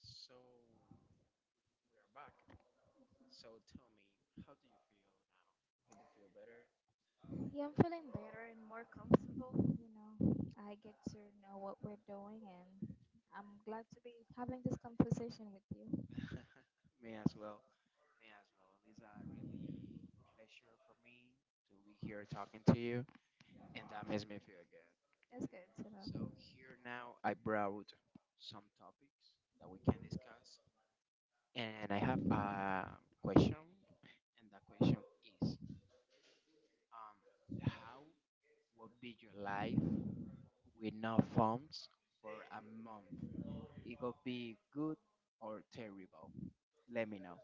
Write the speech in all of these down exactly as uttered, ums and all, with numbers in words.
So we are back. So tell me, how do you feel now? Feel better? Yeah, I'm feeling better and more comfortable. You know, I get to know what we're doing, and I'm glad to be having this conversation with you. Me as well. Me as well. It's a pleasure for me to be here talking to you, and that makes me feel good. That's good to know. Here now, I brought some topics that we can discuss, and I have a question, and that question is, um, how would be your life with no phones for a month? It could be good or terrible. Let me know.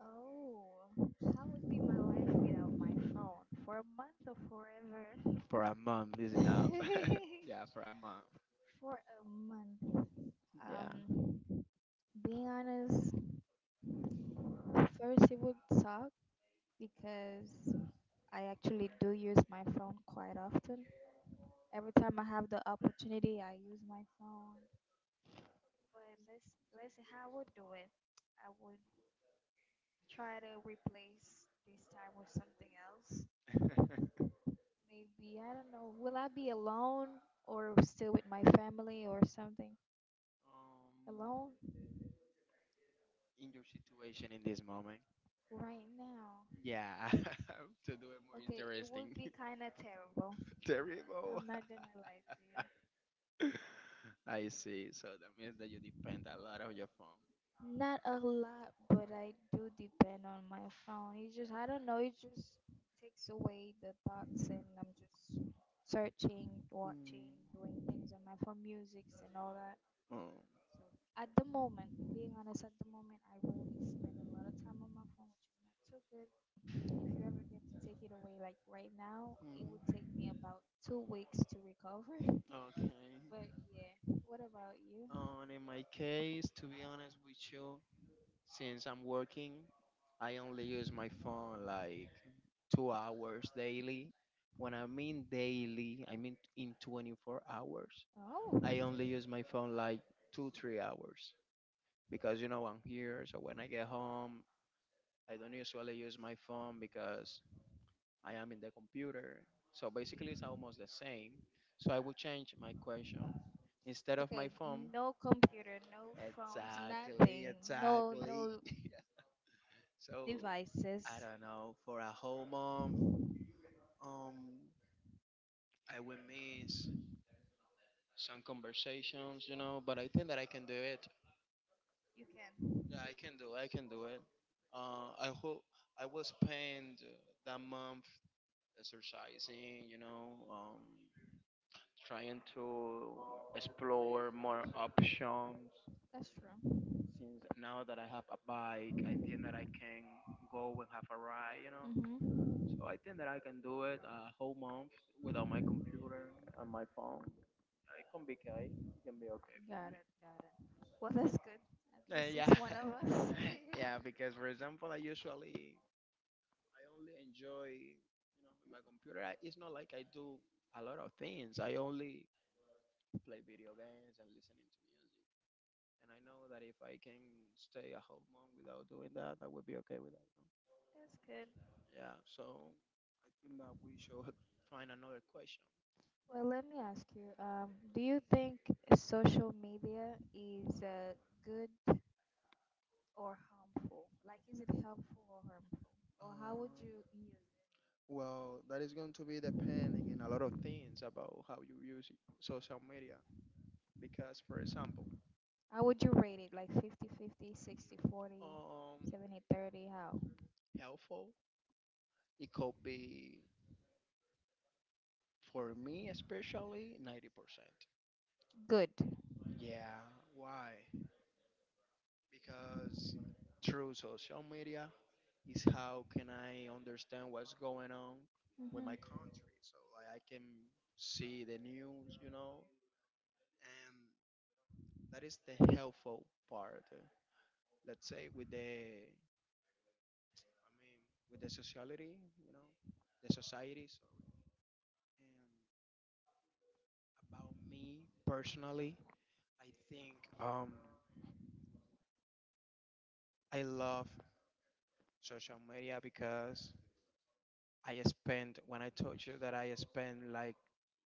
Oh, how would be my life without my phone? For a month or forever? For a month, listen. Yeah, for a month. For a month. Yeah. Um, Being honest, at first it would suck because I actually do use my phone quite often. Every time I have the opportunity, I use my phone. But let's let's see how I would do it. I would try to replace this time with something else. Maybe, I don't know, will I be alone or still with my family or something? um, Alone in your situation in this moment. right now. Yeah, to do it more Okay, it would interesting. be kind of terrible. Terrible. I'm not gonna lie to you. I see. So that means that you depend a lot on your phone. Not a lot, but I do depend on my phone. It just, I don't know, it just takes away the thoughts, and I'm just searching, watching, doing Mm. things on my phone, musics, and all that. Oh. So, at the moment, being honest, at the moment, I really spend a lot of time on my phone, which is not too good. If you ever get to take it away, like right now, it would take Mhm. me about two weeks to recover. Okay. But yeah, what about you? And in my case, to be honest with you, since I'm working, I only use my phone like two hours daily. When I mean daily, I mean in twenty-four hours. Oh, I only use my phone like two, three hours because you know I'm here. So when I get home, I don't usually use my phone because I am in the computer. So basically, it's almost the same. So I will change my question. Instead of okay, my phone, no computer, no phones, exact, nothing, exact. no no So I devices. don't know for a whole month. Um, I will miss some conversations, you know, but I think that I can do it. You can. Yeah, I can do. I can do it. Uh, I hope I will spend uh, that month exercising, you know, um, trying to explore more options. That's true. Since now that I have a bike, I can go and have a ride, you know. Mhm. So I think that I can do it a whole month, computer and my phone. It can be okay. It can be okay. Got it. Got it. Well, that's good. At Uh, least Yeah. it's one of us. Yeah, because for example, I usually I only enjoy, you know, with my computer. I, it's not like I do a lot of things. I only play video games and listening to music. And I know that if I can stay a whole month without doing that, I would be okay with that, no? That's good. Yeah. So I think that we should find another question. Well, let me ask you. Um, do you think social media is uh, good or harmful? Like, is it helpful or harmful? Or how would you use it? Well, that is going to be the in a lot of things about how you use social media because for How would you rate it? Like fifty-fifty, sixty-forty, um seventy-thirty? How? helpful, it could be. For me, especially, ninety percent. Good. Yeah, why? Because through social media is how can I understand what's going on. Mm-hmm. So like I can see the news, you know, and that is the helpful part. Let's say with the, I mean, with the sociality, you know, the society. So and me personally, I think um, I love social media because I spend when I told you that I spend like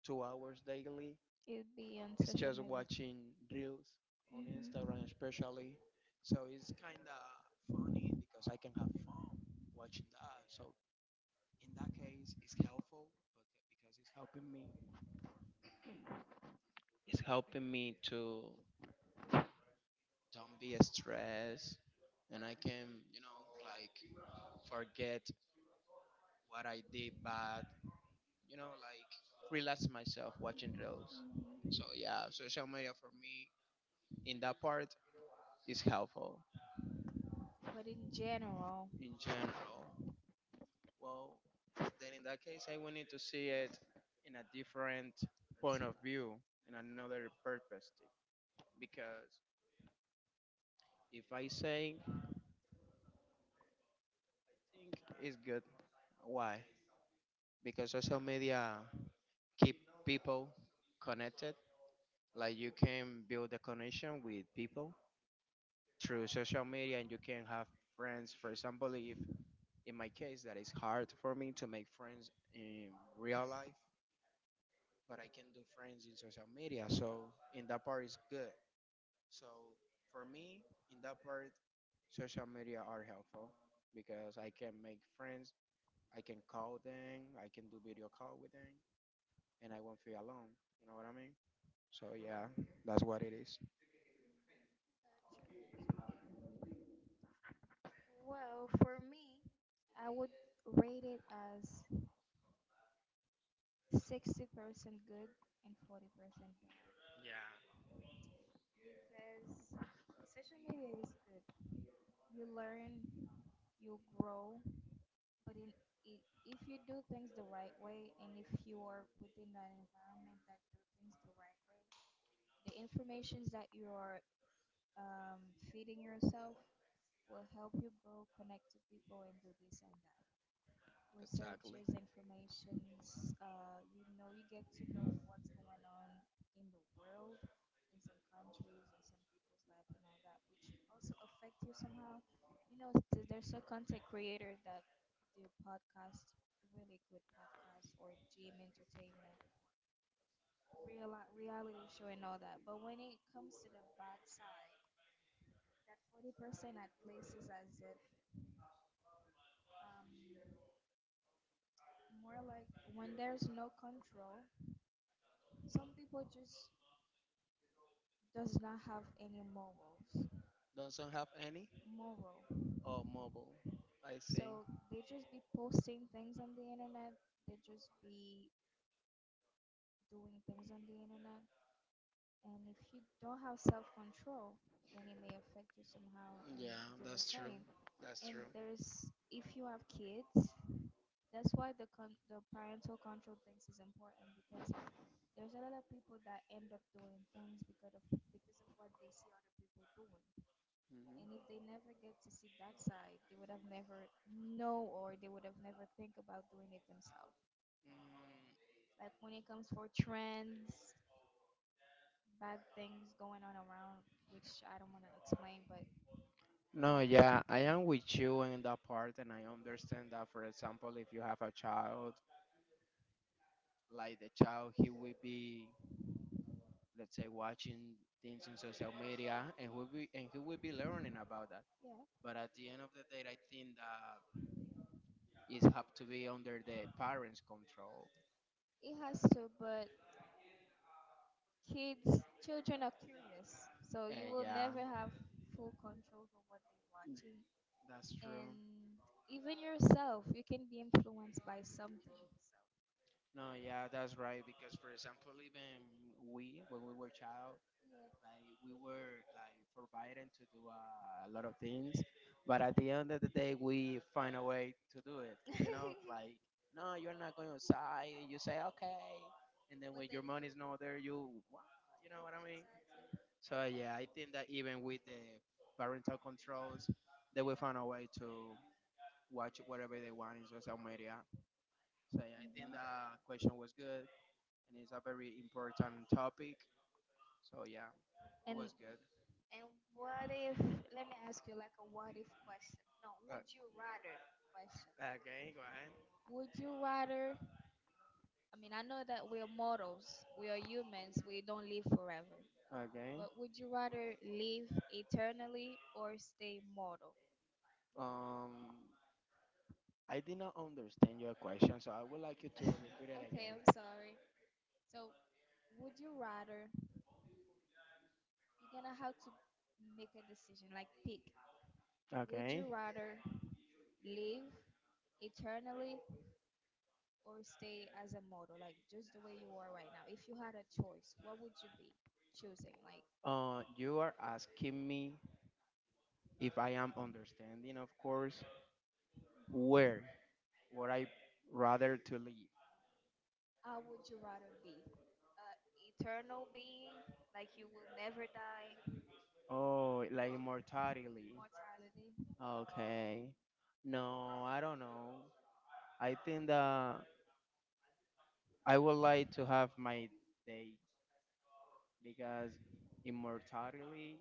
two hours daily It'd be on social just media. watching reels, Hmm. especially. So it's kind of because I can have watching that. So in- it's helpful but because it's helping me. It's helping me to don't be stressed, and I can you know like forget what I did bad. You know like relax myself watching reels. So yeah, social media for me in that part is helpful. But in general, In general. Well, then in that case, I will need to see it in a different s- point of view, in another perspective. Because if I say it's good, why? Because social media keep people connected. Like you can build a connection with people through social media, and you can have friends. For example, if in my case that is hard for me to make friends in real life but I can do friends in social media. So in that part is good. So for me, in that part, social media are helpful because I can make friends. I can call them. I can do video call with them, and I won't feel alone. You know what I mean? So yeah, that's what it is. well, for me, I would rate it as sixty percent good and forty percent bad. Yeah. Because social media is good. You learn, you grow, but in, I if you do things the right way and if you are within that environment that do things the the right way, the informations that you are um, feeding yourself will help you go connect to people and do this and that. Exactly. Researches, informations, uh, you know, you get to know what's going on in the world, in some countries, in some people's life and all that, which also affect you somehow. You know, th- there's a content creator that do podcast, really good podcast, or gym entertainment, real reality show and all that. But when it comes to the bad side, that forty percent at places as if um, more like when there's no control, some people just does not have any morals. Doesn't have any Moral. or mobile. I think. So they just be posting things on the internet. They just be doing things on the internet. And if you don't have self control, then it may affect you somehow and Yeah, do the that's true. same. That's And there's if you have kids, that's why the con- the parental control things is important because there's a lot of people that end up doing things because of because of what they see other people doing. true. And if they never get to see that side, they would have never know or they would have never think about doing it themselves. Hmm. Like when it comes for trends, bad things going on around, which I don't want to explain, but No, yeah, I am with you in that part, and I understand that. For example, if you have a child, like the child, he will be, let's say, watching things in social media, and will be, and he will be learning about that. yeah, But at the end of the day, I think that it have to be under the parents' control. it has to. But kids, children are curious, so you will never have full control over what they are watching. That's true. And even yourself you can be influenced by something. No, yeah, that's right. Because, for example, even we, when we were child, like we were like forbidden to do uh, a lot of things, but at the end of the day, we find a way to do it. Like, no, you're not going outside. You say okay, and then when your money's not there, you wow, you know what I mean. So yeah, I think that even with the parental controls, they will find a way to watch whatever they want in social media. So yeah, So I think mhm. the question was good, and it's a very important topic. So yeah, it and was good. and what if, let me ask you like a what if question, no, Uh, would you rather question, okay, go ahead. would you rather, I mean, I know that we're mortals, we are humans, we don't live forever, Okay. but would you rather live eternally or stay mortal? Um, I did not understand your question, so I would like you to repeat it Okay, I'm sorry. So would you rather, you're gonna have to make a decision, like pick, again. would Okay. you rather live eternally or stay as a model, like just the way you are right now. If you had a choice, what would you be choosing? Like, Uh, you are asking me if I am understanding, of course, where would I rather to live? how would you rather be? Uh, Eternal being, like you will never die. Oh, like Well, mortality. immortality, Okay. No, I don't know. I think that I would like to have my day because immortality,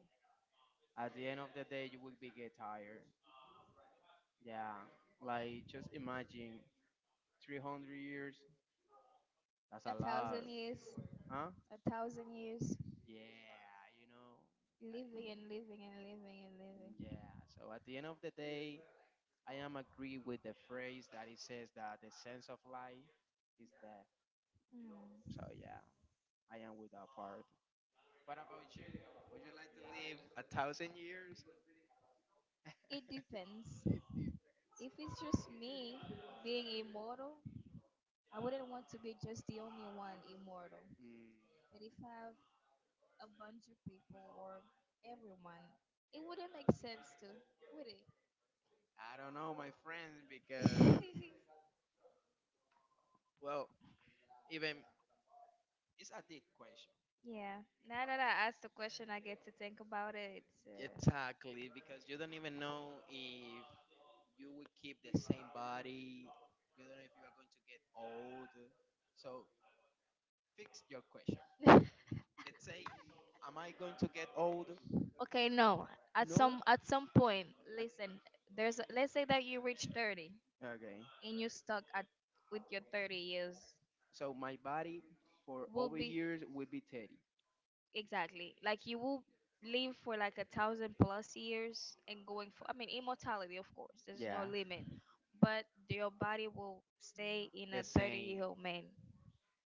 at the end of the day, you will be get tired. Yeah, like just imagine three hundred years. That's a a lot, thousand years, huh? a thousand years, Yeah, you know. living and living and living and living. So at the end of the day, I am agree with the phrase that it says that the sense of life is death. Hmm. So yeah, I am with that part. What about you? Would you like to live a thousand years? It depends. If it's just me being immortal, I wouldn't want to be just the only one immortal. Mm, But if I have a bunch of people or everyone, it wouldn't make sense to, would it? I don't know, my friends, because well, even it's a deep question. Yeah. Now that I asked the question, I get to think about it. It's, Exactly, because you don't even know if you will keep the same body. You don't know if you are going to get old. So fix your question. uh, Let's say, am I going to get old? okay, no. At some at some point, listen. There's a, let's say that you reach thirty Okay. and you're stuck at with your thirty years. So my body for Will over be years will be Teddy. exactly. Like you will live for like a thousand plus years and going for, I mean, immortality, of course, there's no Yeah. limit, but your body will stay in a thirty year old man.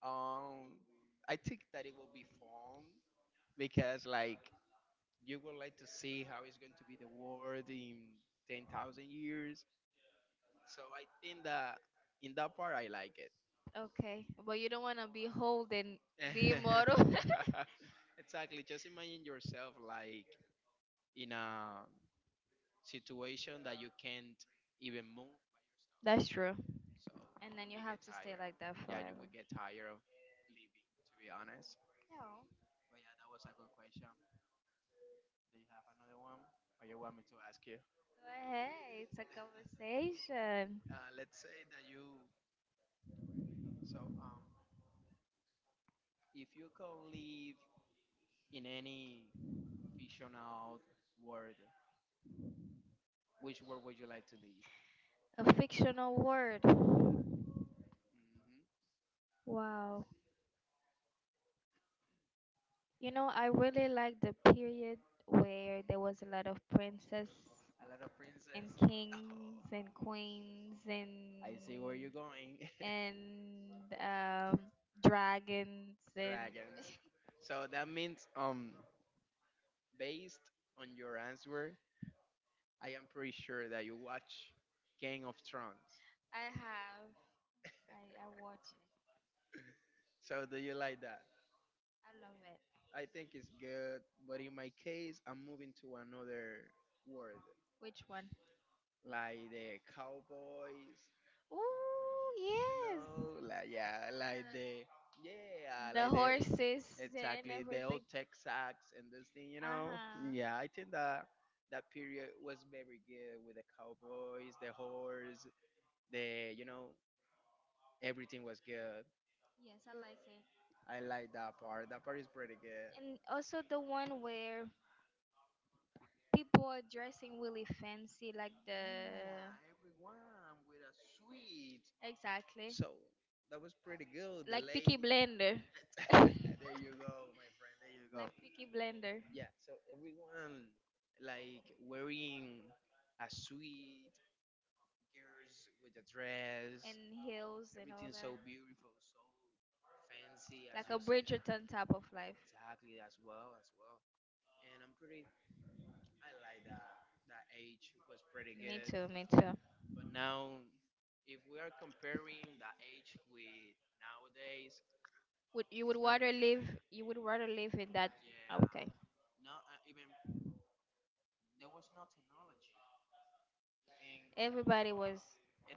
Um, I think that it will be fun because like you would like to see how it's going to be the world in ten thousand years. So I think that in that part I like it. Okay. But you don't want to be old and be immortal. Exactly. Just imagine yourself like in a situation that you can't even move by yourself. That's true. And then you have to stay like that forever. Get tired of living, to be honest. No. But yeah, that was a good question. Do you have another one, or you want me to ask you? Go ahead. It's a conversation. Uh, let's say that you, if you could live in any fictional world, which world would you like to live? A fictional word. Hmm. Wow. You know, I really like the period where there was a lot of princess A lot of and princess. Oh, kings and queens I see and where you're going. and um, dragons and Dragons. So that means um, based on your answer, I am pretty sure that you watch Game of Thrones. I have I I watch it. So do you like that? I love it. I think it's good, but in my case, I'm moving to another world, Which one? like the cowboys, Ooh you yes, know, like yeah, like the yeah, the the like the horses and exactly the old everything. Texas and this thing, you Uh know. huh. Yeah, I think that that period was very good with the cowboys, the horse, the you know, everything was good. Yes, I like it. I like that part. That part is pretty good. And also the one where people are dressing really fancy, like the Yeah, everyone with a sweet. exactly So that was pretty good. like Peaky Blender. There you go, my friend. There you go. Like Peaky Blender Yeah. So everyone like wearing a sweet girls with a dress and hills and all and that, so beautiful, so fancy as like a Bridgerton type of life. exactly as well as well. And I'm pretty. I like that. That age was pretty. Me too, me too. But now, if we are comparing the age with nowadays, Would you would rather live? You would rather live in that? Okay, not uh, even there was no technology, everybody was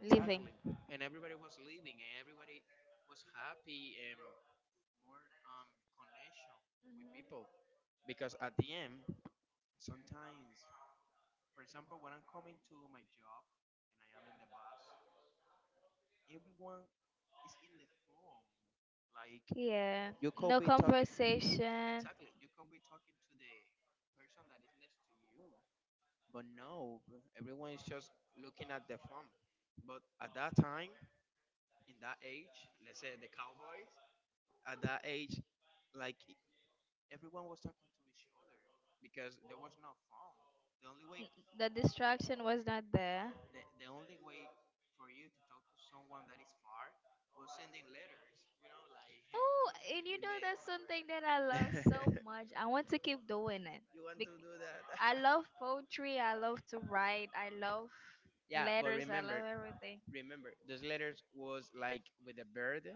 living. and and everybody was living, and everybody was happy, and more um connection people. Because at the end, sometimes, for example, when I'm coming to my job and I am in the bus, everyone is in the phone. Like Yeah, you could no be, conversation. N- you could be talking to the person that is next to you. But now everyone is just looking at the phone. But at that time, in that age, let's say the cowboys, at that age, like everyone was talking to each other because there was no phone. The only way, The distraction was not there. the, the only way for you to talk to someone that is far was sending letters. You know, like Oh, and you know that's something that I love so much. I want to keep doing it. you want to Bec- do that. I love poetry. I love to write. I love Yeah, letters. I love everything. remember those letters was like with a bird.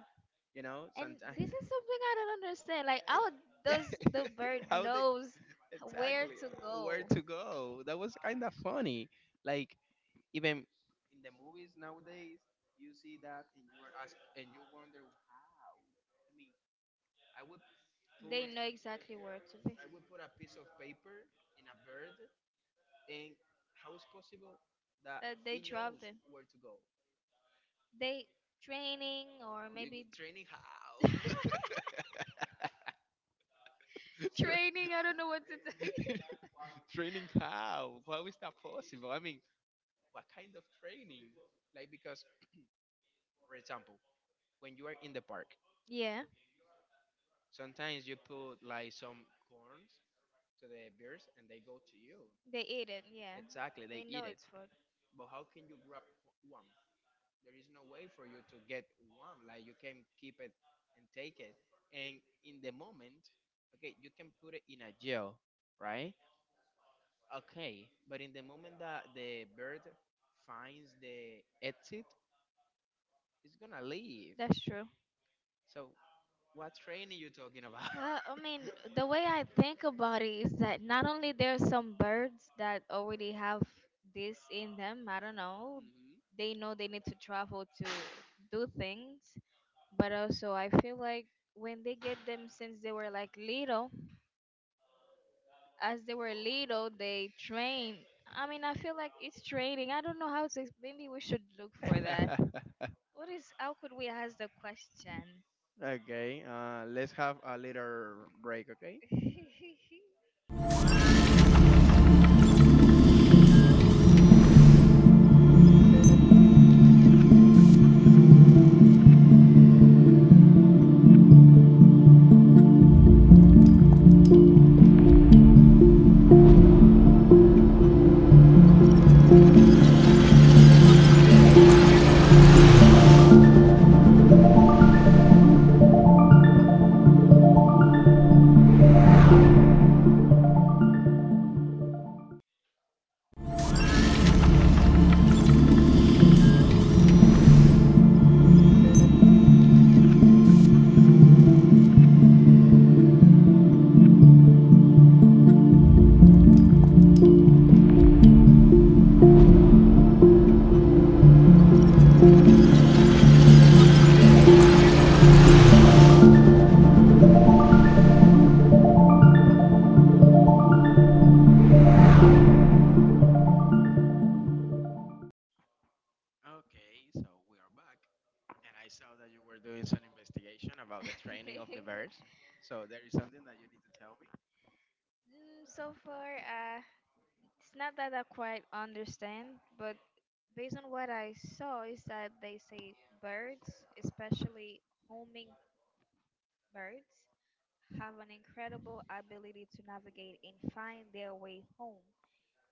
You know, And this sometimes. is something I don't understand. Like, how Yeah. does the bird How knows where to go? where to go. That was kind of funny. Like even in the movies nowadays, you see that and you are asked and you wonder how. I mean, I would They know exactly where to be. put a piece of paper in a bird, and how is possible that That they drop them. where to go? They training or maybe Training how? training. I don't know what to Tra- tell you. training how? How is that possible? I mean, what kind of training? Like because, for example, when you are in the park, Yeah, sometimes you put like some corn to the beers and they go to you. they eat it. Yeah, Exactly. they They eat. know it's food. But how can you grab one? There is no way for you to get one. Like, you can keep it and take it. And in the moment, okay, you can put it in a jail, right? Okay, but in the moment that the bird finds the exit, it's gonna leave. That's true. So what train are you talking about? Uh, I mean, the way I think about it is that not only there are some birds that already have this in them, I don't know, Mhm. they know they need to travel to do things, but also I feel like when they get them since they were like little, as they were little, they train. I mean, I feel like it's training. I don't know how to, ex- maybe we should look for that. What is, how could we ask the question? okay. Uh, let's have a little break. Okay. Okay, so we are back, and I saw that you were doing some investigation about the training of the bears. So there is something that you need to tell me. Mm, so far, uh, it's not that I quite understand, but based on what I saw, is that they say birds, especially homing birds, have an incredible ability to navigate and find their way home,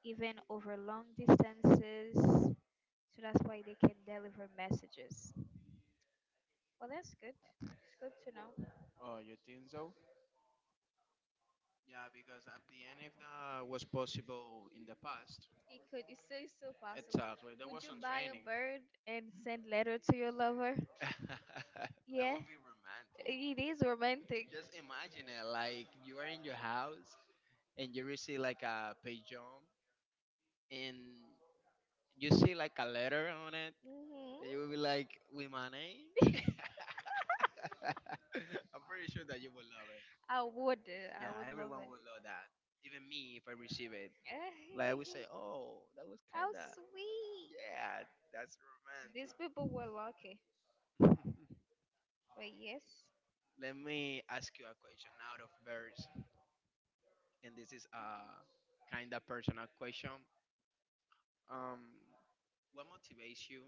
even over long distances. So that's why they can deliver messages. Well, that's good. It's good to know. Oh, you think so? Yeah, because at the end, if that was possible in the past, It could. It's still, it's still possible. exactly, that Would was. you buy a bird and send letter to your lover. Yeah, Romantic. it is romantic. Just imagine it, like you are in your house and you receive like a pigeon, and you see like a letter on it, Hmm. and you will be like, "With my name." I'm pretty sure that you will love it. I would. uh, I Yeah, would love everyone it. will love that. Even me, if I receive it, like I would say, "Oh, that was How kinda, sweet. yeah, that's These romantic." people were lucky. But yes, Let me ask you a question out of birds, and this is a kinda personal question. Um, what motivates you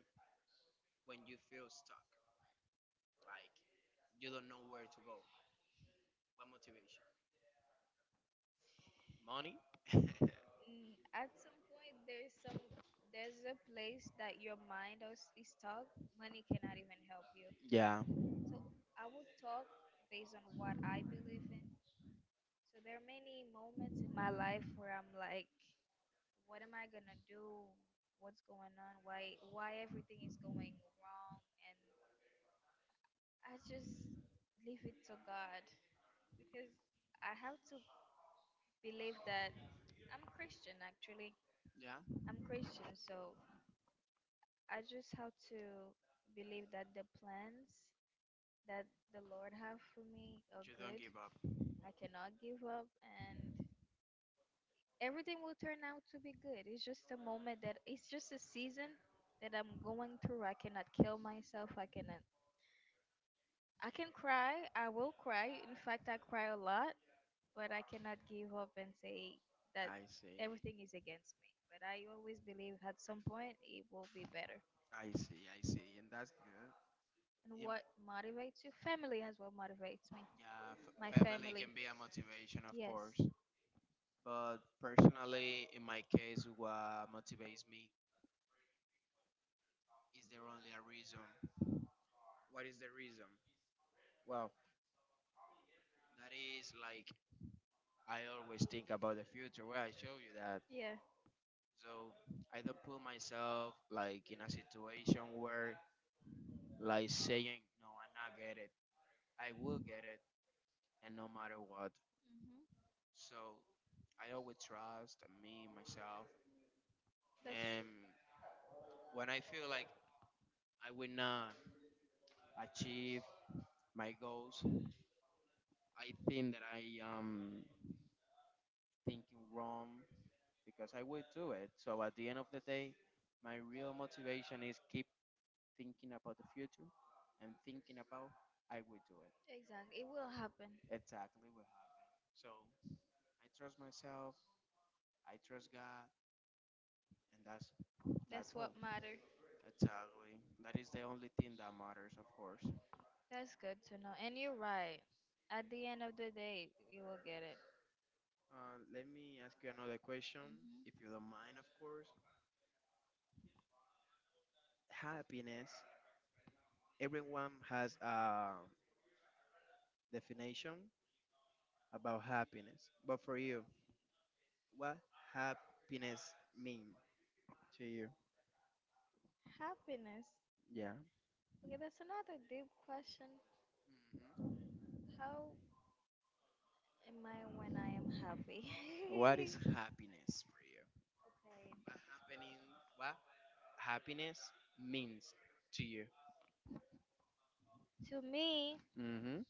when you feel stuck, like you don't know where to go? What motivates you? Money? mm, at some point there's some there's a place that your mind is, is stuck. Money cannot even help you. yeah. So I would talk based on what I believe in. So there are many moments in my life where I'm like, what am I gonna do? What's going on? Why why everything is going wrong? I just leave it to God because I have to believe that I'm Christian actually. Yeah. I'm Christian, so I just have to believe that the plans that the Lord have for me are good. Give up. I cannot give up and everything will turn out to be good. It's just a moment that it's just a season that I'm going through. I cannot kill myself. I cannot I can cry. I will cry. In fact, I cry a lot but I cannot give up and say that See. everything is against me. But I always believe at some point it will be better. I see. I see. And that's good. And what motivates you? Family as what motivates me. Yeah. f- My family. Can be a motivation, of Yes. course. But personally, in my case, what motivates me is there only a reason. What is the reason? Well, that is like I always think about the future. Where I show you that, Yeah. so I don't put myself like in a situation where like saying no, I'm not get it. I will get it, and no matter what. Hmm. So I always trust me myself, That's true. and when I feel like I will not achieve my goals, I think that I am thinking wrong because I would do it. So at the end of the day, my real motivation is keep thinking about the future and thinking about I would do it. Exactly. It will happen. Exactly what happened. So I trust myself, I trust God, and that's that. That's what matters. Exactly. That is the only thing that matters, of course. That's good to know. And you're right. At the end of the day, you will get it. Uh, let me ask you another question, Hmm. if you don't mind, of course. Happiness. Everyone has a definition about happiness. But for you, what happiness mean to you? Happiness. Yeah. Okay, that's another deep question. Mhm. How am I when I am happy? What is happiness for you? Okay. Happening. What happiness means to you? To me, Mhm.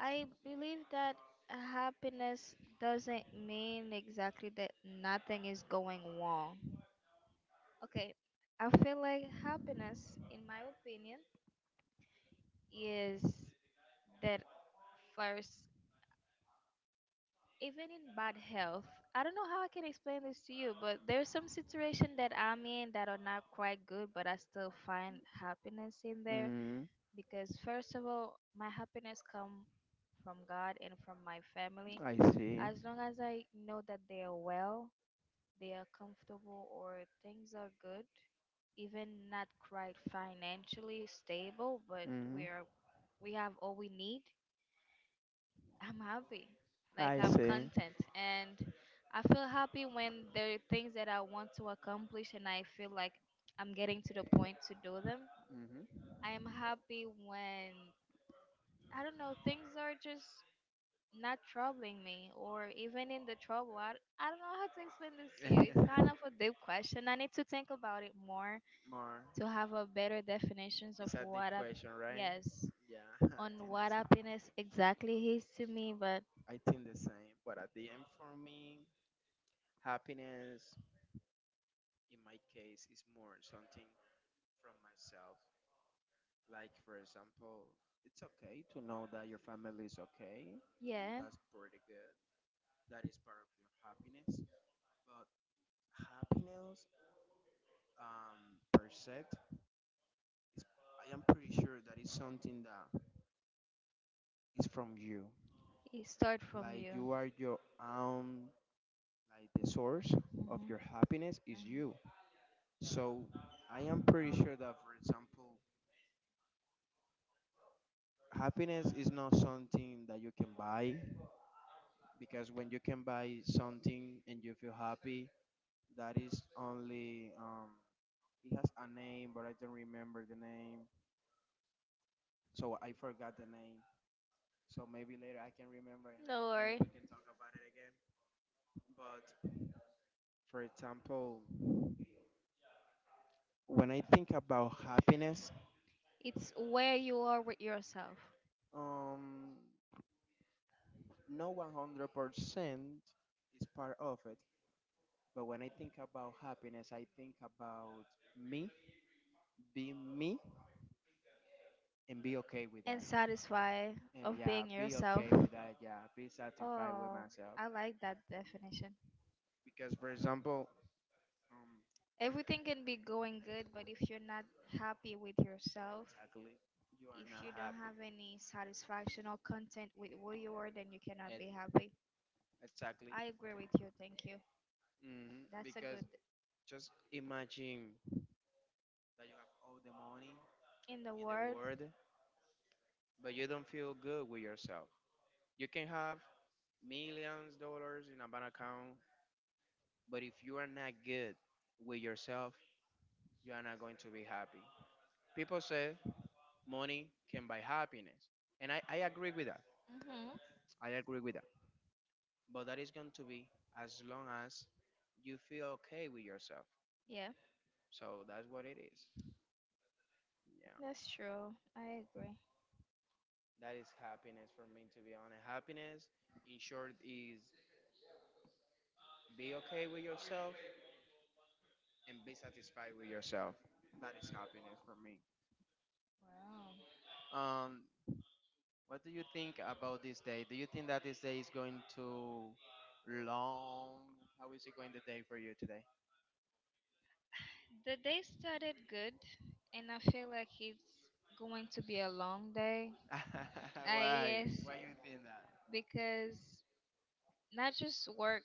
I believe that happiness doesn't mean exactly that nothing is going wrong. Okay, I feel like happiness, in my opinion, is that first, even in bad health. I don't know how I can explain this to you, but there's some situation that I'm in that are not quite good, but I still find happiness in there Mm, because first of all, my happiness come from God and from my family. I see. As long as I know that they are well, they are comfortable, or things are good, even not quite financially stable, but Mhm. we're we have all we need, I'm happy. Like I I'm see. content and I feel happy when there are things that I want to accomplish and I feel like I'm getting to the point to do them. Mhm. I am happy when, I don't know, things are just not troubling me or even in the trouble. I, I don't know how to explain this to you. It's kind of a deep question. I need to think about it more More. to have a better definitions of It's a deep what up. question, right? Yes, Yeah. on what happiness exactly is to me, but I think the same. But at the end, for me, happiness in my case is more something from myself Like, for example, it's okay to know that your family is okay, yeah, pretty good. That is part of your happiness. But happiness, um, per se, is, I am pretty sure that is something that is from you. it start from Like, you. you are your own, like, the source Hmm. of Hmm. your happiness is you. So, I am pretty sure that, for example, happiness is not something that you can buy, because when you can buy something and you feel happy, that is only. Um it has a name, but I don't remember the name, so I forgot the name. So maybe later I can remember and, I, No and worry. we can talk about it again. But, for example, when I think about happiness, It's where you are with yourself um no, one hundred percent is part of it. But when I think about happiness, I think about me being me and be okay with and that. satisfied of being yourself. Like, yeah, be satisfied with Oh, myself, I like that definition. because, for example, um, Everything can be going good, but if you're not happy with yourself, exactly. You. if you don't have any satisfaction or content with who you are, then you cannot be happy. Exactly. I agree with you. Thank you. Hmm. That's a good Just imagine that you have all the money, in in the the world. world, but you don't feel good with yourself. You can have millions dollars in a bank account, but if you are not good with yourself, you are not going to be happy. People say money can buy happiness, and I, I agree with that. Hmm. I agree with that. But that is going to be as long as you feel okay with yourself. Yeah, So that's what it is. Yeah. that's true. I agree. That is happiness for me, to be honest. Happiness, in short, is be okay with yourself and be satisfied with yourself. That is happiness for me. Wow. Um, what do you think about this day? Do you think that this day is going to long? How is it going the day for you today? The day started good, and I feel like it's going to be a long day. I Yes, Why you think that? because not just work.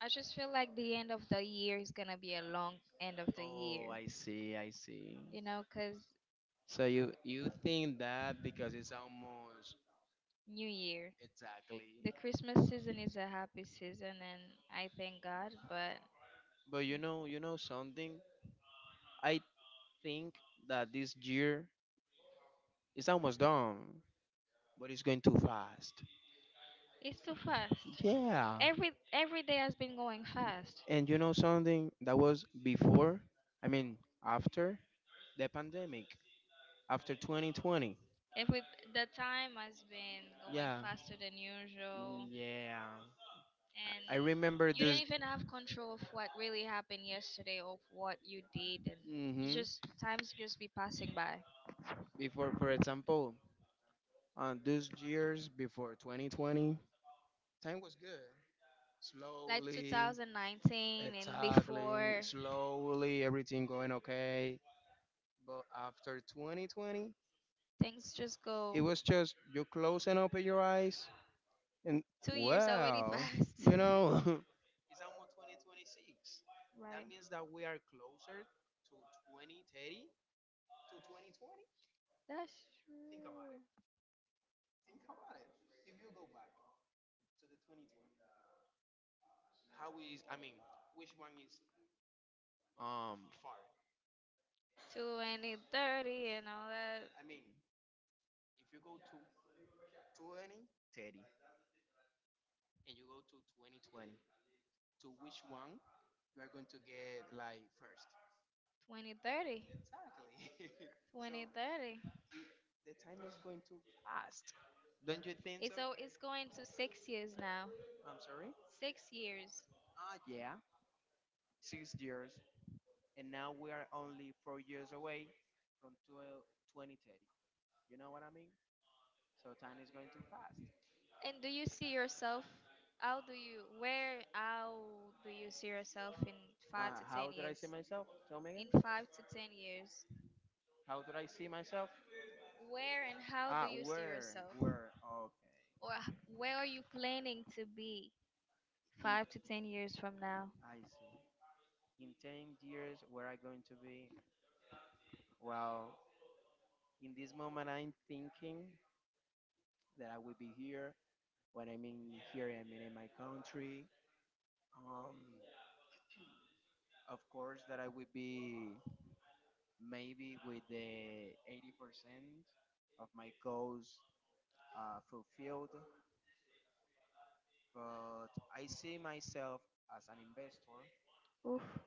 I just feel like the end of the year is gonna be a long end of the Oh, year, I see, I see. you know, 'cause So you you think that because it's almost New Year. exactly. The Christmas season is a happy season, and I thank God, but But, yeah, you know, you know something. I think that this year is almost done, but it's going too fast. it's too fast. Yeah. Every every day has been going fast. And you know something that was before, I mean, after the pandemic, after twenty twenty. Every The time has been going Yeah. faster than usual, Yeah. and I remember you don't the. even have control of what really happened yesterday or what you did, and you hmm just, times just be passing by. Before, for example, on those years before twenty twenty, time was good. Like Slowly, two thousand nineteen and before, slowly, everything going okay. But after twenty twenty, things just it go. was just you close and open your eyes, and Two years already wow, passed. you know, it's almost twenty twenty-six. That Right. means that we are closer to twenty thirty to twenty twenty. That's true. Think about it. If you go back to the twenty twenty, how is I mean, which one is um far? two thousand thirty and all that. I mean, if you go to twenty thirty and you go to twenty twenty, to which one you are going to get like first? twenty thirty. Exactly. twenty thirty. The time is going too fast. Don't you think so? It's so it's going to six years now. I'm sorry? Six years. Ah, yeah. Six years. And now we are only four years away from twelve twenty thirty. You know what I mean? So time is going too fast. And do you see yourself, how do you where how do you see yourself in Uh, five to ten How did I see years myself? Tell me again. in five to ten years, How did I see myself? where and how do Ah, you see where? yourself? Okay. Or h- where are you planning to be In, five to ten years from now? I see. In ten years, where I going to be? Well, in this moment, I'm thinking that I will be here. When I mean here, I mean in my country. Um, of course that I would be maybe with the eighty percent of my goals uh, fulfilled, but I see myself as an investor, Oof,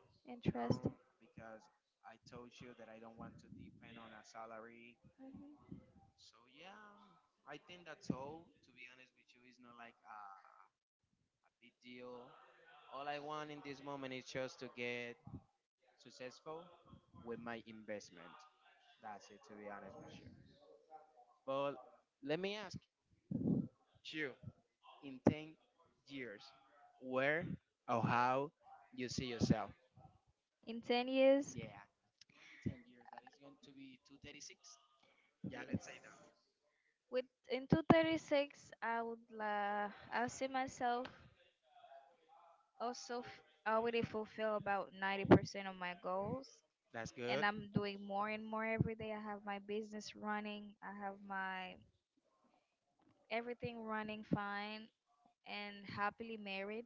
you interesting. know, because I told you that I don't want to depend on a salary. Hmm. So yeah, I think that's all. To be honest with you, it's not like a, a big deal. All I want in this moment is just to get successful with my investment. That's it, to be honest. But let me ask you, in ten years, where or how you see yourself? In ten years, Yeah, in ten years, that is going to be two thirty-six. yes. With In two thirty-six, I would uh, I see myself also f- already fulfill about ninety percent of my goals, That's and good. I'm doing more and more every day. I have my business running, I have my everything running fine, and happily married.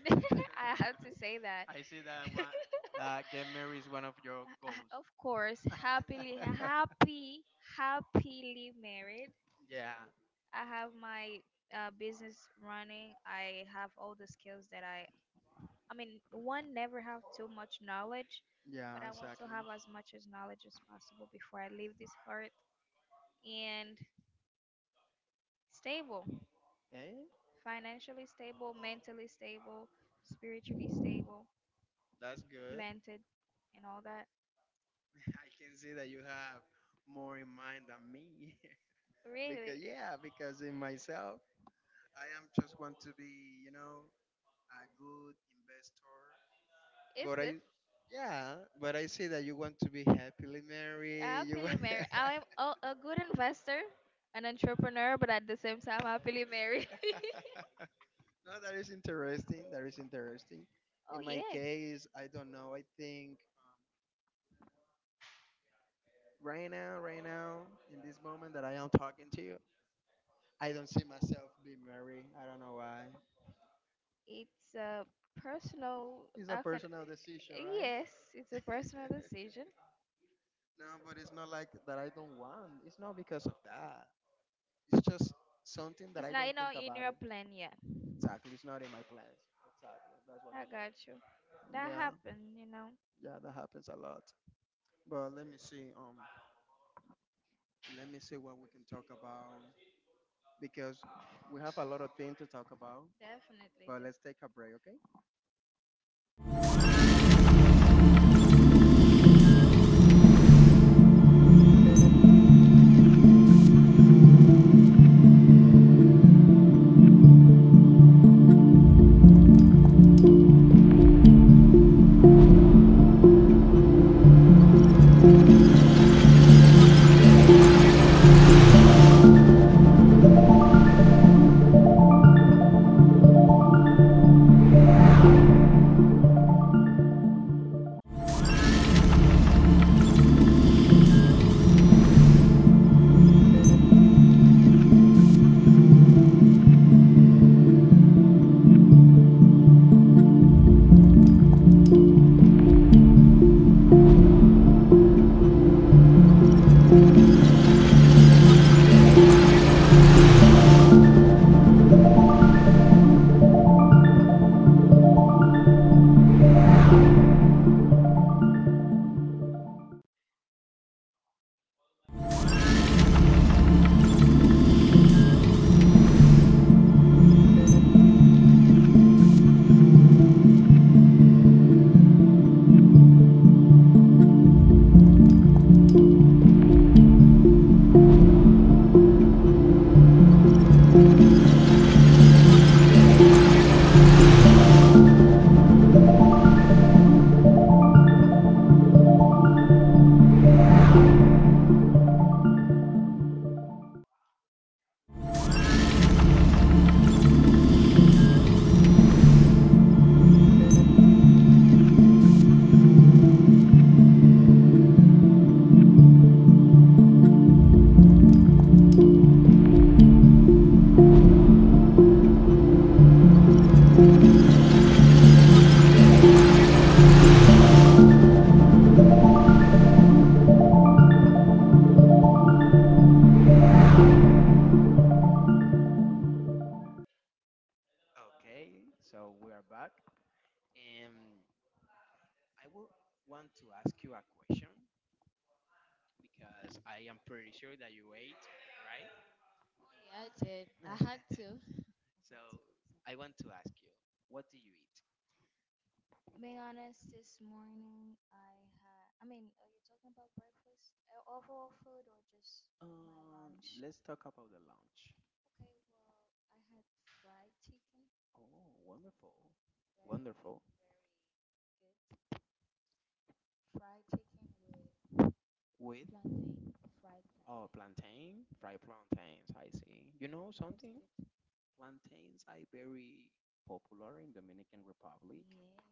I have to say that. I see that uh, get married is one of your. H- of course, happily, happy happily married. Yeah, I have my, uh, business running. I have all the skills that I I mean one never have too much knowledge, but yeah, I want to exactly. have as much as knowledge as possible before I leave this earth, and stable, Eh? financially stable, mentally stable, spiritually stable, That's good. planted, and all that. I can see that you have more in mind than me. Really. Because, yeah, because in myself, I am just want to be, you know, a good investor. It's But good. I Yeah, but I see that you want to be happily married. No, Happily married. I'm a, a good investor, an entrepreneur, but at the same time, happily married. that is interesting. That is interesting. Oh In my yeah, case, I don't know. I think right now, right now, in this moment that I am talking to you, I don't see myself being married. I don't know why. it's a personal. It's a How can? personal decision, Yes, it's a personal decision. right? No, but it's not like that I don't want. It's not because of that. It's just something that It's I not you don't. know in your plan yet. Exactly. It's not in my plans. Exactly. That's what I I. got you. That happened, you know. Yeah, that happens a lot. But let me see. Um, Let me see what we can talk about because we have a lot of things to talk about. Definitely But do. let's take a break, okay? Okay, so we are back. And I will want to ask you a question because I am pretty sure that you ate, right? Yeah, I did. I had to. So I want to ask you, what do you eat? Being honest, this morning I had. I mean, are you talking about breakfast, Uh, overall food, or just my Um, lunch? let's talk about the lunch. Okay, well, I had fried chicken, Oh, wonderful. Wonderful. very, very good. Fried chicken with With plantain, fried plantain. Oh, plantain, fried plantains, I see. You It know was something? good. Yes, Plantains are very popular in Dominican and Republic, I love it.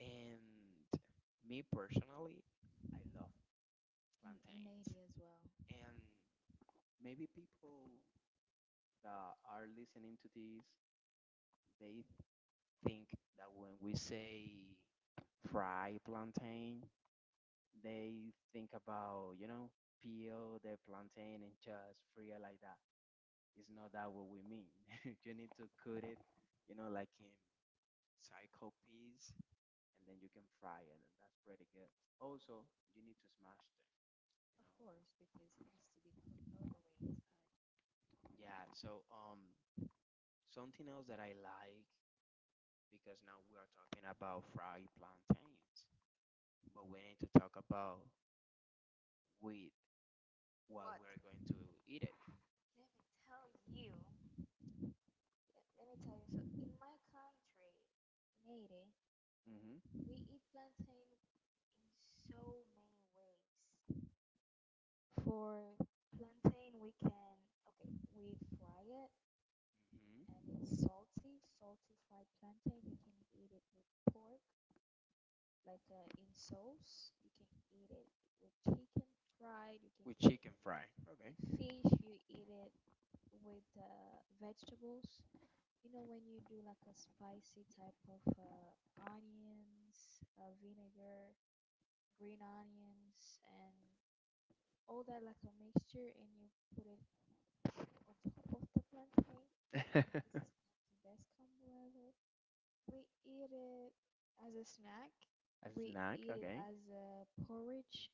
and me personally, I love In in eighty plantains. as well, And maybe people that are listening to this, they think that when we say fry plantain, they think about, you know, peel the plantain and just fry it like that. It's not that what we mean. You need to cut it, you know, like in cycle piece, and then you can fry it, and that's pretty good. Also, you need to smash them, you know. to be cooked all the way inside. Yeah. So um, something else that I like, because now we are talking about fried plantains, but we need to talk about wheat while What? we're going to eat it. Let me tell you. Yeah, let me tell you. So in my country, in eighty, Hmm. we eat plantain in so many ways. For plantain, we can, okay, we fry it, and Hmm. it's salty, salty fried plantain. You can eat it with pork, like, uh, in sauce. You can eat it with chicken fried. You can With eat chicken fry. with Okay. fish. You eat it with uh, vegetables. You know, when you do like a spicy type of, uh, onions, uh, vinegar, green onions, and all that, like a mixture, and you put it on top of the plantain, the descam, whatever. We eat it as a snack. A We snack. eat it Okay. as a porridge.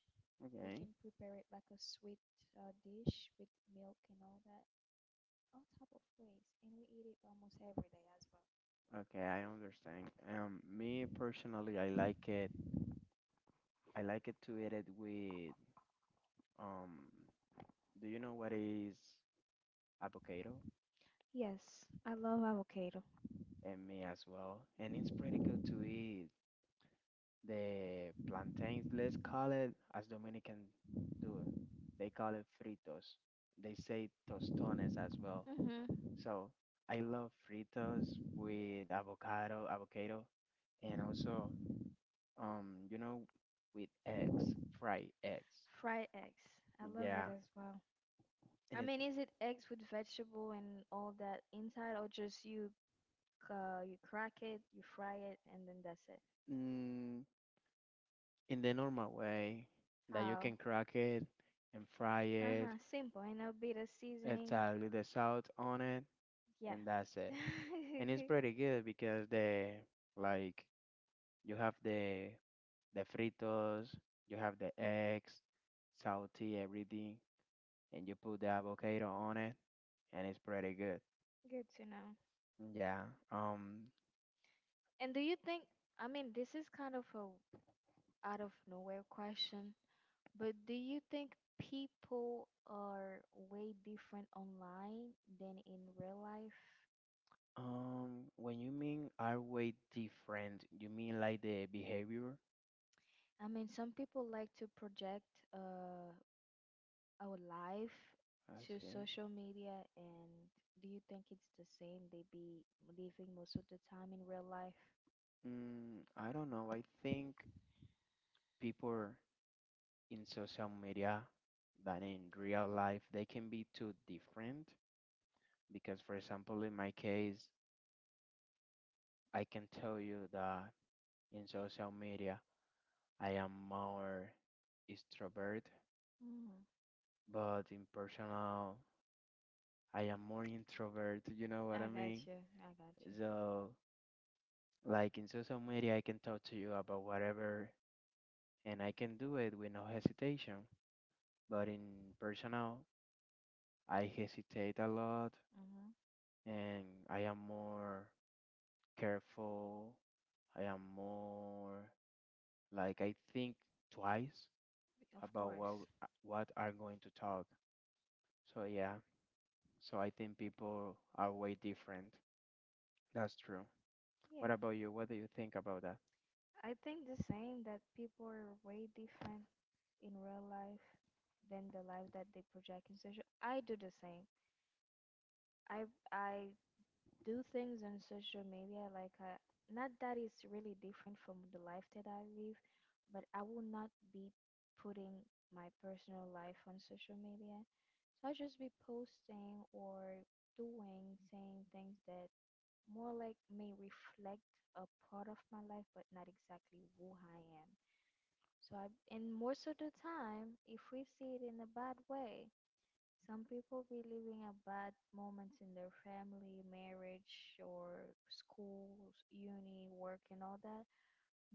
We Okay. can prepare it like a sweet, uh, dish with milk and all that, all type of ways. And we eat it almost every day as well. Okay. I understand. Um, me personally, I like it. I like it to eat it with um. Do you know what is? Avocado. Yes, I love avocado. And me as well. And it's pretty good to eat the plantains. Let's call it as Dominican do it. They call it fritos. They say tostones as well. So I love fritos with avocado, avocado, and also um you know with eggs, fried eggs. Fried eggs. I love it Yeah. as well. I mean, is it eggs with vegetable and all that inside, or just you uh, you crack it, you fry it, and then that's it? Mm, in the normal way that you How? can crack it and fry Uh it, huh. Simple, and it'll be the it's seasoning. a little salt on it Yeah. and that's it. And it's pretty good because the like you have the the fritos, you have the eggs, salty everything, and you put the avocado on it, and it's pretty good. Good to know. Yeah. Um. And do you think, I mean, this is kind of a out of nowhere question, but do you think people are way different online than in real life? Um. When you mean are we different, you mean like the behavior? I mean, some people like to project, uh, our life to I social media, and do you think it's the same? They be living most of the time in real life? s- mm, I don't know. I think people in social media than in real life, they can be too different. Because, for example, in my case, I can tell you that in social media, I am more extrovert, Mm. but in personal, I am more introvert. You know what I I got mean? you. I got you. So, like in social media, I can talk to you about whatever and I can do it with no hesitation. But in personal, I hesitate a lot Mm-hmm. and I am more careful. I am more like I think twice Of about what course. what are going to talk. So yeah, so I think people are way different. That's true. What Yeah, about you? What do you think about that? I think the same that people are way different in real life than the life that they project in social. I do the same. I I do things on social media, like, I, not that it's really different from the life that I live, but I will not be putting my personal life on social media. So I'll just be posting or doing saying things that more like may reflect a part of my life, but not exactly who I am. So, I, and most of the time, if we see it in a bad way, some people be living a bad moments in their family, marriage, or schools, uni, work, and all that,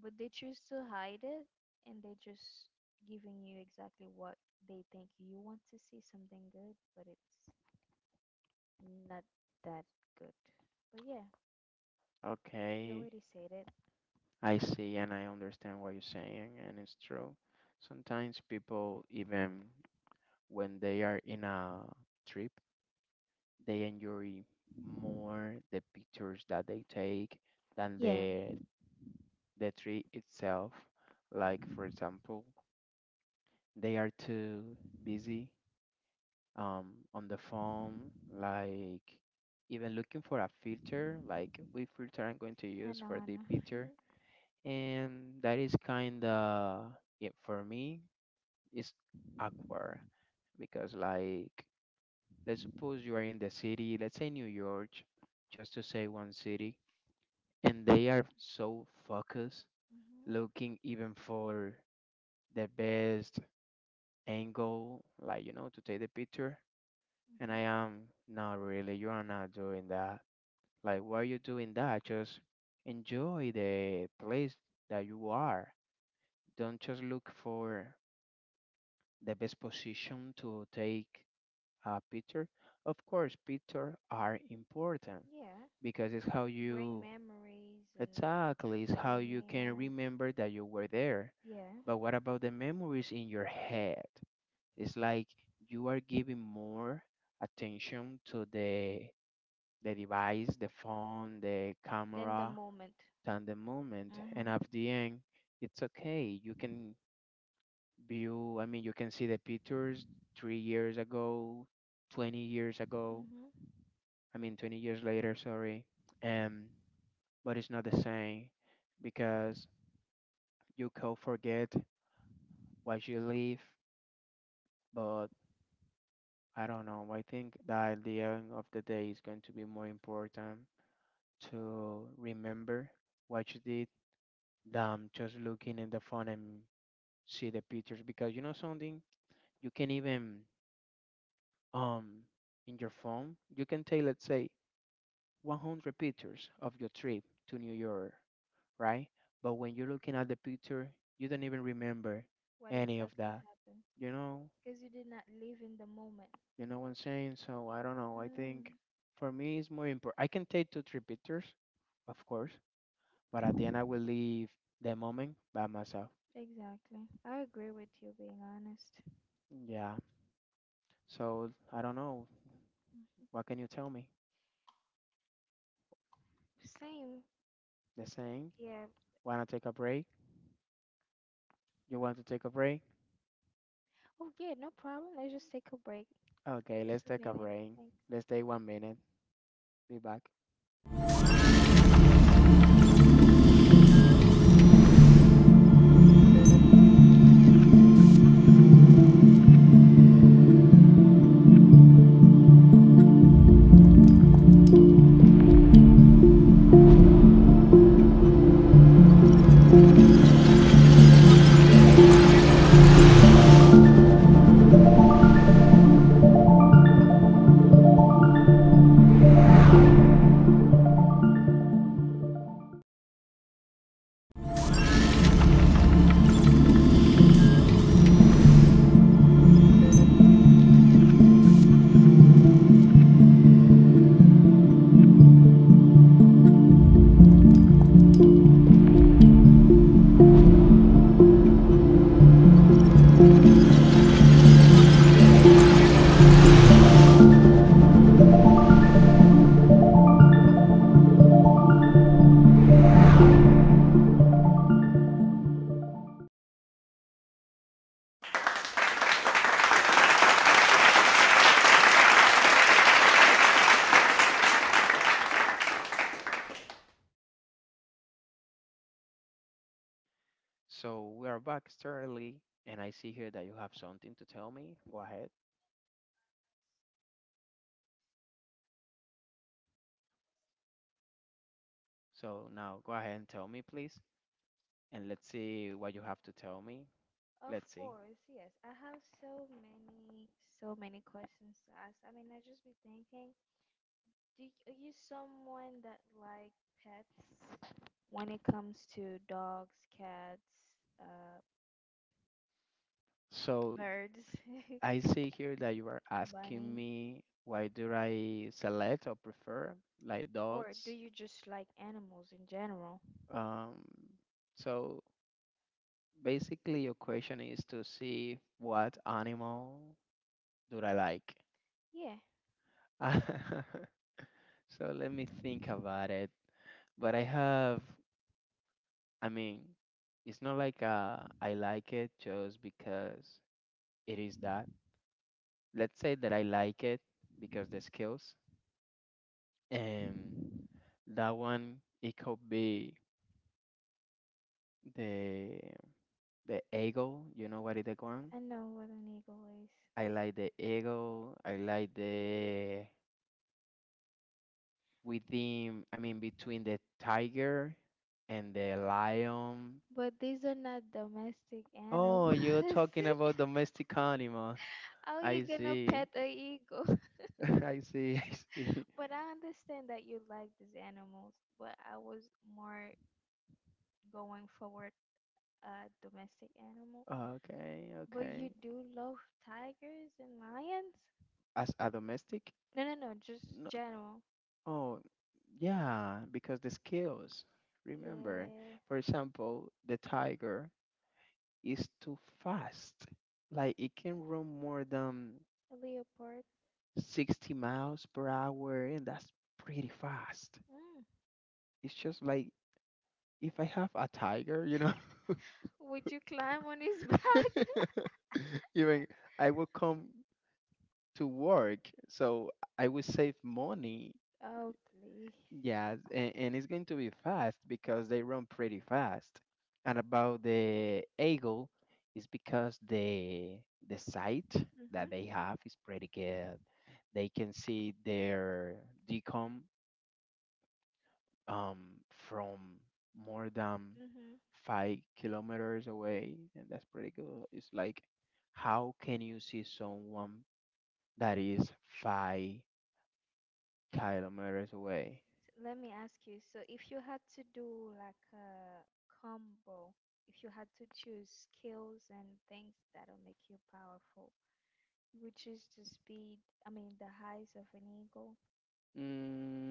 but they choose to hide it, and they just giving you exactly what they think you want to see, something good, but it's not that good. But yeah, you Okay, already said it. I see and I understand what you're saying, and it's true. Sometimes people, even when they are in a trip, they enjoy more the pictures that they take than Yeah. the the tree itself. Like for example, they are too busy um, on the phone, like even looking for a filter, like which filter I'm going to use for Anon. the picture. And that is kind of, yeah, for me, it's awkward because, like, let's suppose you are in the city, let's say New York, just to say one city, and they are so focused Hmm. looking even for the best angle, like, you know, to take the picture. And I am, not really, you are not doing that. Like, why are you doing that? Just enjoy the place that you are. Don't just look for the best position to take a picture. Of course, pictures are important Yeah. because it's how Bring you, memories and exactly, it's how you can souvenir. remember that you were there. Yeah. But what about the memories in your head? It's like you are giving more attention to the the device, the phone, the Then the camera, moment. and the moment. And Mm-hmm. at the end, it's okay. You can view, I mean, you can see the pictures three years ago, twenty years ago, Mm-hmm. I mean, twenty years later, sorry. Um, but it's not the same because you can forget what you live, but I don't know. I think that the end of the day is going to be more important to remember what you did that just looking in the phone and see the pictures, because you know something, you can even um in your phone you can take, let's say, one hundred pictures of your trip to New York, right? But when you're looking at the picture, you don't even remember What any of that, exactly happened? you know? Because you did not live in the moment. You know what I'm saying? So I don't know, I think Mm. for me it's more important. I can take two three pictures, of course, but at the end I will leave the moment by myself. Exactly. I agree with you, being honest. Yeah, so I don't know. Mhm. What can you tell me? Same. The same? Yeah. Wanna take a break? You want to take a break? Oh, yeah, no problem. Let's just take a break. Okay, let's Just a take a minute. break. Thanks. Let's take one minute. Be back. So we are back, Sterling, and I see here that you have something to tell me. Go ahead. So now go ahead and tell me, please, and let's see what you have to tell me. Of course, yes. I have so many, so many questions to ask. I mean, I just be thinking, do you, are you someone that like pets when it comes to dogs, cats, uh, So birds, I see here that you are asking bunny, me why do I select or prefer like dog. or do you just like animals in general? Um, so basically, your question is to see what animal do I like. Yeah, So let me think about it. But I have, I mean, it's not like uh, I like it just because it is that. Let's say that I like it because the skills. And that one, it could be the the eagle. You know what is the one? I know what an eagle is, I like the eagle. I like the within, I mean, between the tiger and the lion. but these are not domestic animals. Oh, you're talking about domestic animals. How you I gonna see. pet a eagle? i see i see But I understand that you like these animals, but I was more going forward a domestic animal. Okay, But okay. you do love tigers and lions? As a domestic, No, no, no, just no. general. Oh, yeah, because the scales, remember, Yeah, for example, the tiger is too fast, like it can run more than a leopard. sixty miles per hour, and that's pretty fast. Mm. It's just like, if I have a tiger, you know, Would you climb on his back? even I will come to work, so I will save money. Oh, please. Yes, and, and it's going to be fast because they run pretty fast. And about the eagle, is because the the sight that they have is pretty Mm-hmm. good. They can see their decom um, from more than Mm-hmm. five kilometers away, and that's pretty good. It's like, how can you see someone that is five kilometers away? So let me ask you, so if you had to do like a combo, if you had to choose skills and things that'll make you powerful, you would choose the speed, I mean, the heights of an eagle,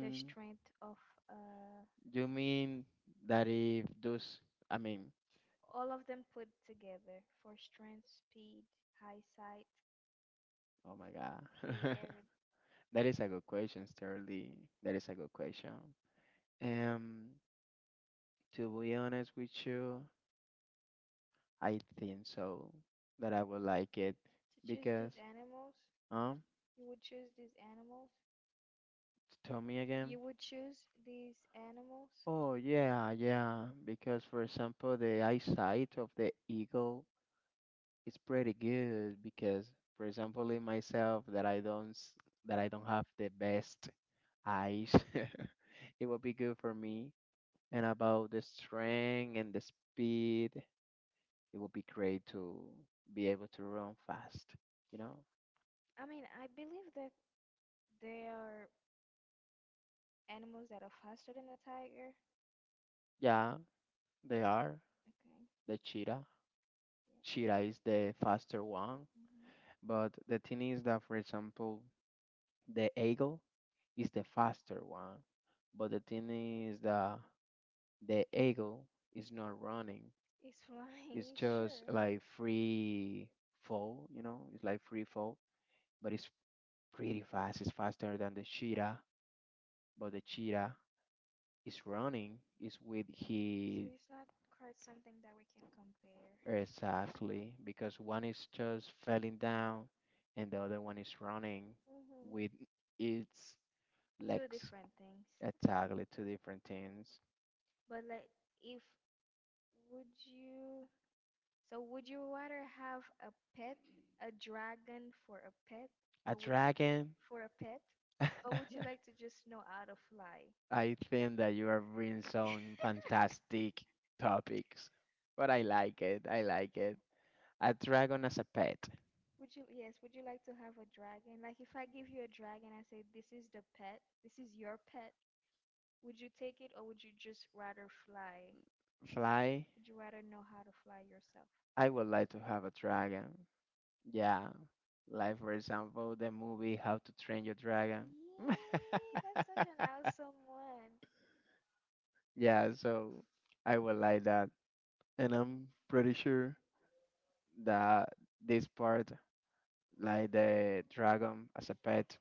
the strength of, uh, you mean that if those, I mean, all of them put together for strength, speed, high sight. oh my Hey, God. every That is a good question, Sterling. That is a good question. Um, to be honest with you, I think so that I would like it to choose because, these animals, huh? you would choose these animals. Tell me again. You would choose these animals. Oh, yeah, yeah. Because, for example, the eyesight of the eagle is pretty good. Because, for example, in myself, that I don't s- that I don't have the best eyes, it will be good for me. And about the strength and the speed, it will be great to be able to run fast. You know? I mean, I believe that they are animals that are faster than a tiger. Yeah, they are Okay. the cheetah. Cheetah is Yeah. the faster one. Hmm. But the thing is that, for example, the eagle is the faster one, but the thing is that the eagle is not running. It's It's flying, just sure. like free fall, you know. It's like free fall, but it's pretty fast. It's faster than the cheetah, but the cheetah is running. Is with So he, it's not quite something that we can compare. exactly, because one is just falling down, and the other one is running Hmm. with its Two legs. different things. Exactly, two different things. But, like, if would you, so would you rather have a pet, a dragon for a pet, A or would dragon. for a pet, or would you like to just know how to fly? I think that you are bringing some fantastic topics, but I like it. I like it. A dragon as a pet. Would you, yes, would you like to have a dragon? Like, if I give you a dragon, I say, this is the pet, this is your pet, would you take it or would you just rather fly? Fly. Would you rather know how to fly yourself? I would like to have a dragon. Yeah. Like, for example, the movie How to Train Your Dragon. Yay, that's such an awesome one. Yeah, so I would like that. And I'm pretty sure that this part, like the dragon as a pet,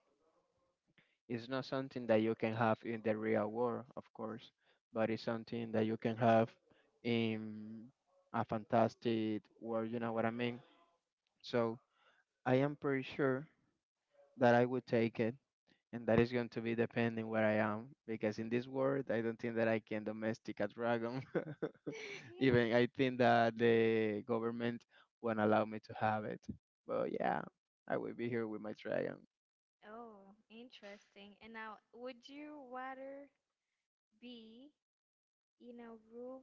it's not something that you can have in the real world, of course, but it's something that you can have in a fantastic world, you know what I mean? So I am pretty sure that I would take it and that is going to be depending where I am, because in this world I don't think that I can domestic a dragon. Even I think that the government won't allow me to have it. But yeah, I will be here with my dragon. Oh, interesting. And now, would you rather be in a room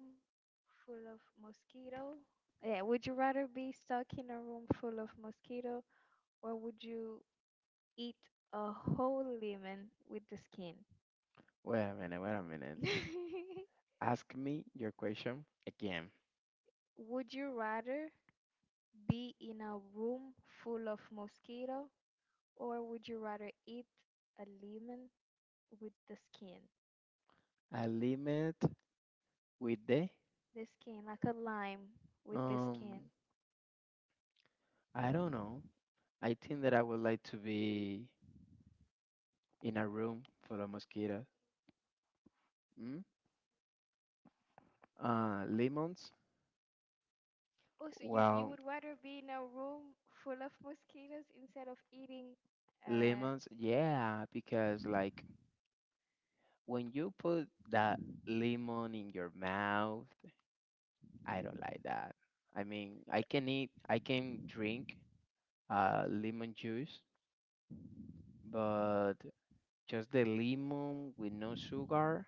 full of mosquito? Yeah, would you rather be stuck in a room full of mosquito, or would you eat a whole lemon with the skin? Wait a minute, wait a minute. Ask me your question again. Would you rather be in a room full of mosquito or would you rather eat a lemon with the skin? A limit with the The skin, like a lime with the um skin. I don't know. I think that I would like to be in a room full of mosquitoes. Mm? Uh, lemons? Also, you, you Well, would rather be in a room full of mosquitoes instead of eating. Uh, lemons, yeah, because like when you put that lemon in your mouth, I don't like that. I mean, I can eat I can drink uh lemon juice, but just the lemon with no sugar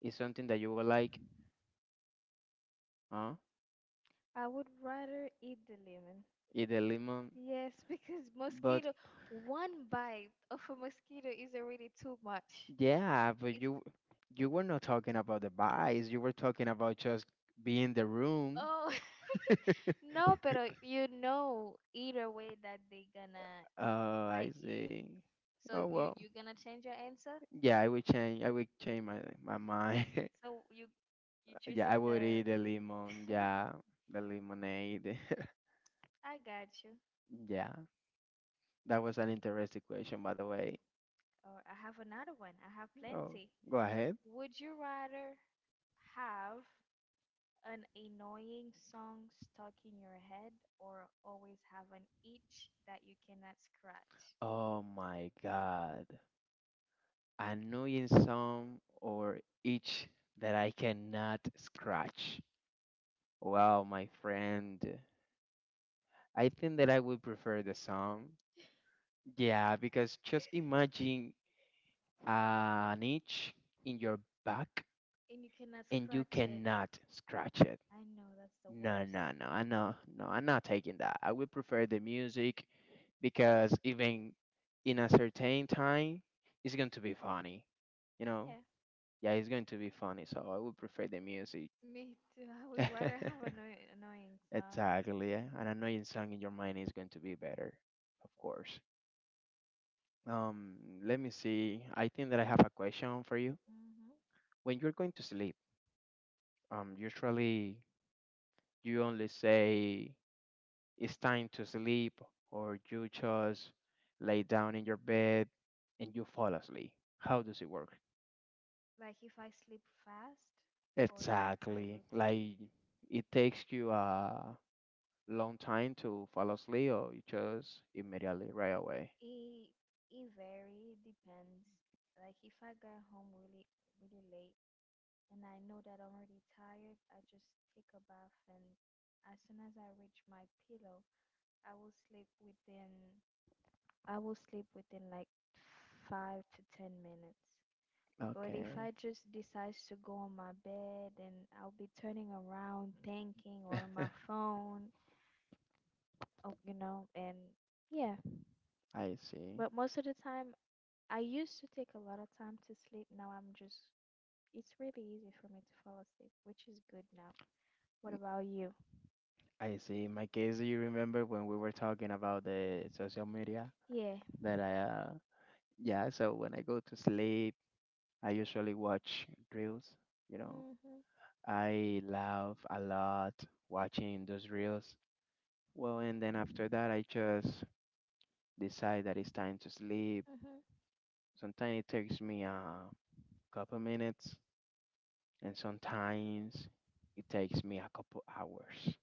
is something that you will like, huh? I would rather eat the lemon. Eat the lemon. Yes, because But mosquito, one bite of a mosquito is already too much. yeah, but you you were not talking about the vice. You were talking about just being in the room. Oh, no, pero you know either way that they gonna Oh, I bite you. see. So Oh you well. you gonna change your answer? Yeah, I would change. I would change my my mind. So you you Yeah, choosing I the would eat the lemon. Yeah, the lemonade. I got you. Yeah, that was an interesting question, by the way. Or I have another one. I have Oh, plenty. go ahead. Would you rather have an annoying song stuck in your head or always have an itch that you cannot scratch? Oh my God. I know in some or each that I cannot scratch. Wow, my friend. I think that I would prefer the song. Yeah, because just imagine an itch in your back And you cannot and you scratch it. cannot scratch it. I know that's the No, worst. no, no. I know, no, I'm not taking that. I would prefer the music because even in a certain time, it's going to be funny. You know? Yeah. Yeah, it's going to be funny. So I would prefer the music. Me too. I would rather have an annoy- annoying song. Exactly. Yeah. An annoying song in your mind is going to be better, of course. Um, let me see. I think that I have a question for you. Hmm. When you're going to sleep, um, usually you only say it's time to sleep, or you just lay down in your bed and you fall asleep. How does it work? Like, if I sleep fast or like my Exactly. routine. Like it takes you a long time to fall asleep, or you just immediately right away. It it very depends. Like, if I get home really really late and I know that I'm already tired, I just take a bath, and as soon as I reach my pillow, I will sleep within I will sleep within like five to ten minutes. But if I Okay. just decide to go on my bed and I'll be turning around thinking or my phone, oh, you know, and yeah. I see. But most of the time, I used to take a lot of time to sleep. Now, I'm just, it's really easy for me to fall asleep, which is good now. What about you? I see. In my case, you remember when we were talking about the social media? Yeah. That I, uh, yeah, so when I go to sleep, I usually watch reels, you know. Mhm. I laugh a lot watching those reels. Well, and then after that, I just decide that it's time to sleep. Mhm. Sometimes it takes me a couple minutes, and sometimes it takes me a couple hours,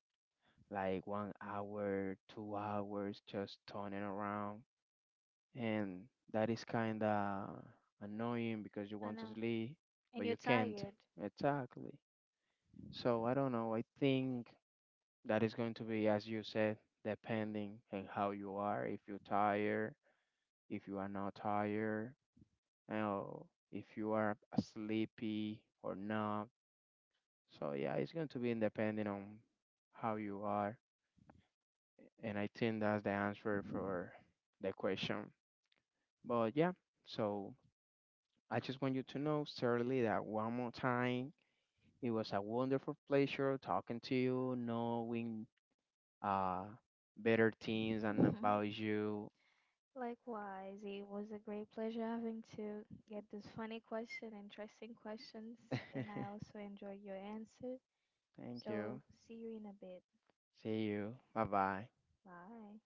like one hour, two hours, just turning around, and that is kind of annoying because you I want to know. sleep And but you're you can't, tired. exactly. So I don't know, I think that is going to be, as you said, depending on how you are, if you're tired, if you are not tired, or if you are sleepy or not. So yeah, it's going to be depending on how you are, and I think that's the answer for the question. But yeah, so I just want you to know, certainly, that one more time, it was a wonderful pleasure talking to you, knowing uh, better things and Mhm. about you. Likewise, it was a great pleasure having to get this funny question, interesting questions, and I also enjoyed your answer. Thank So, you. see you in a bit. See you. Bye bye. Bye.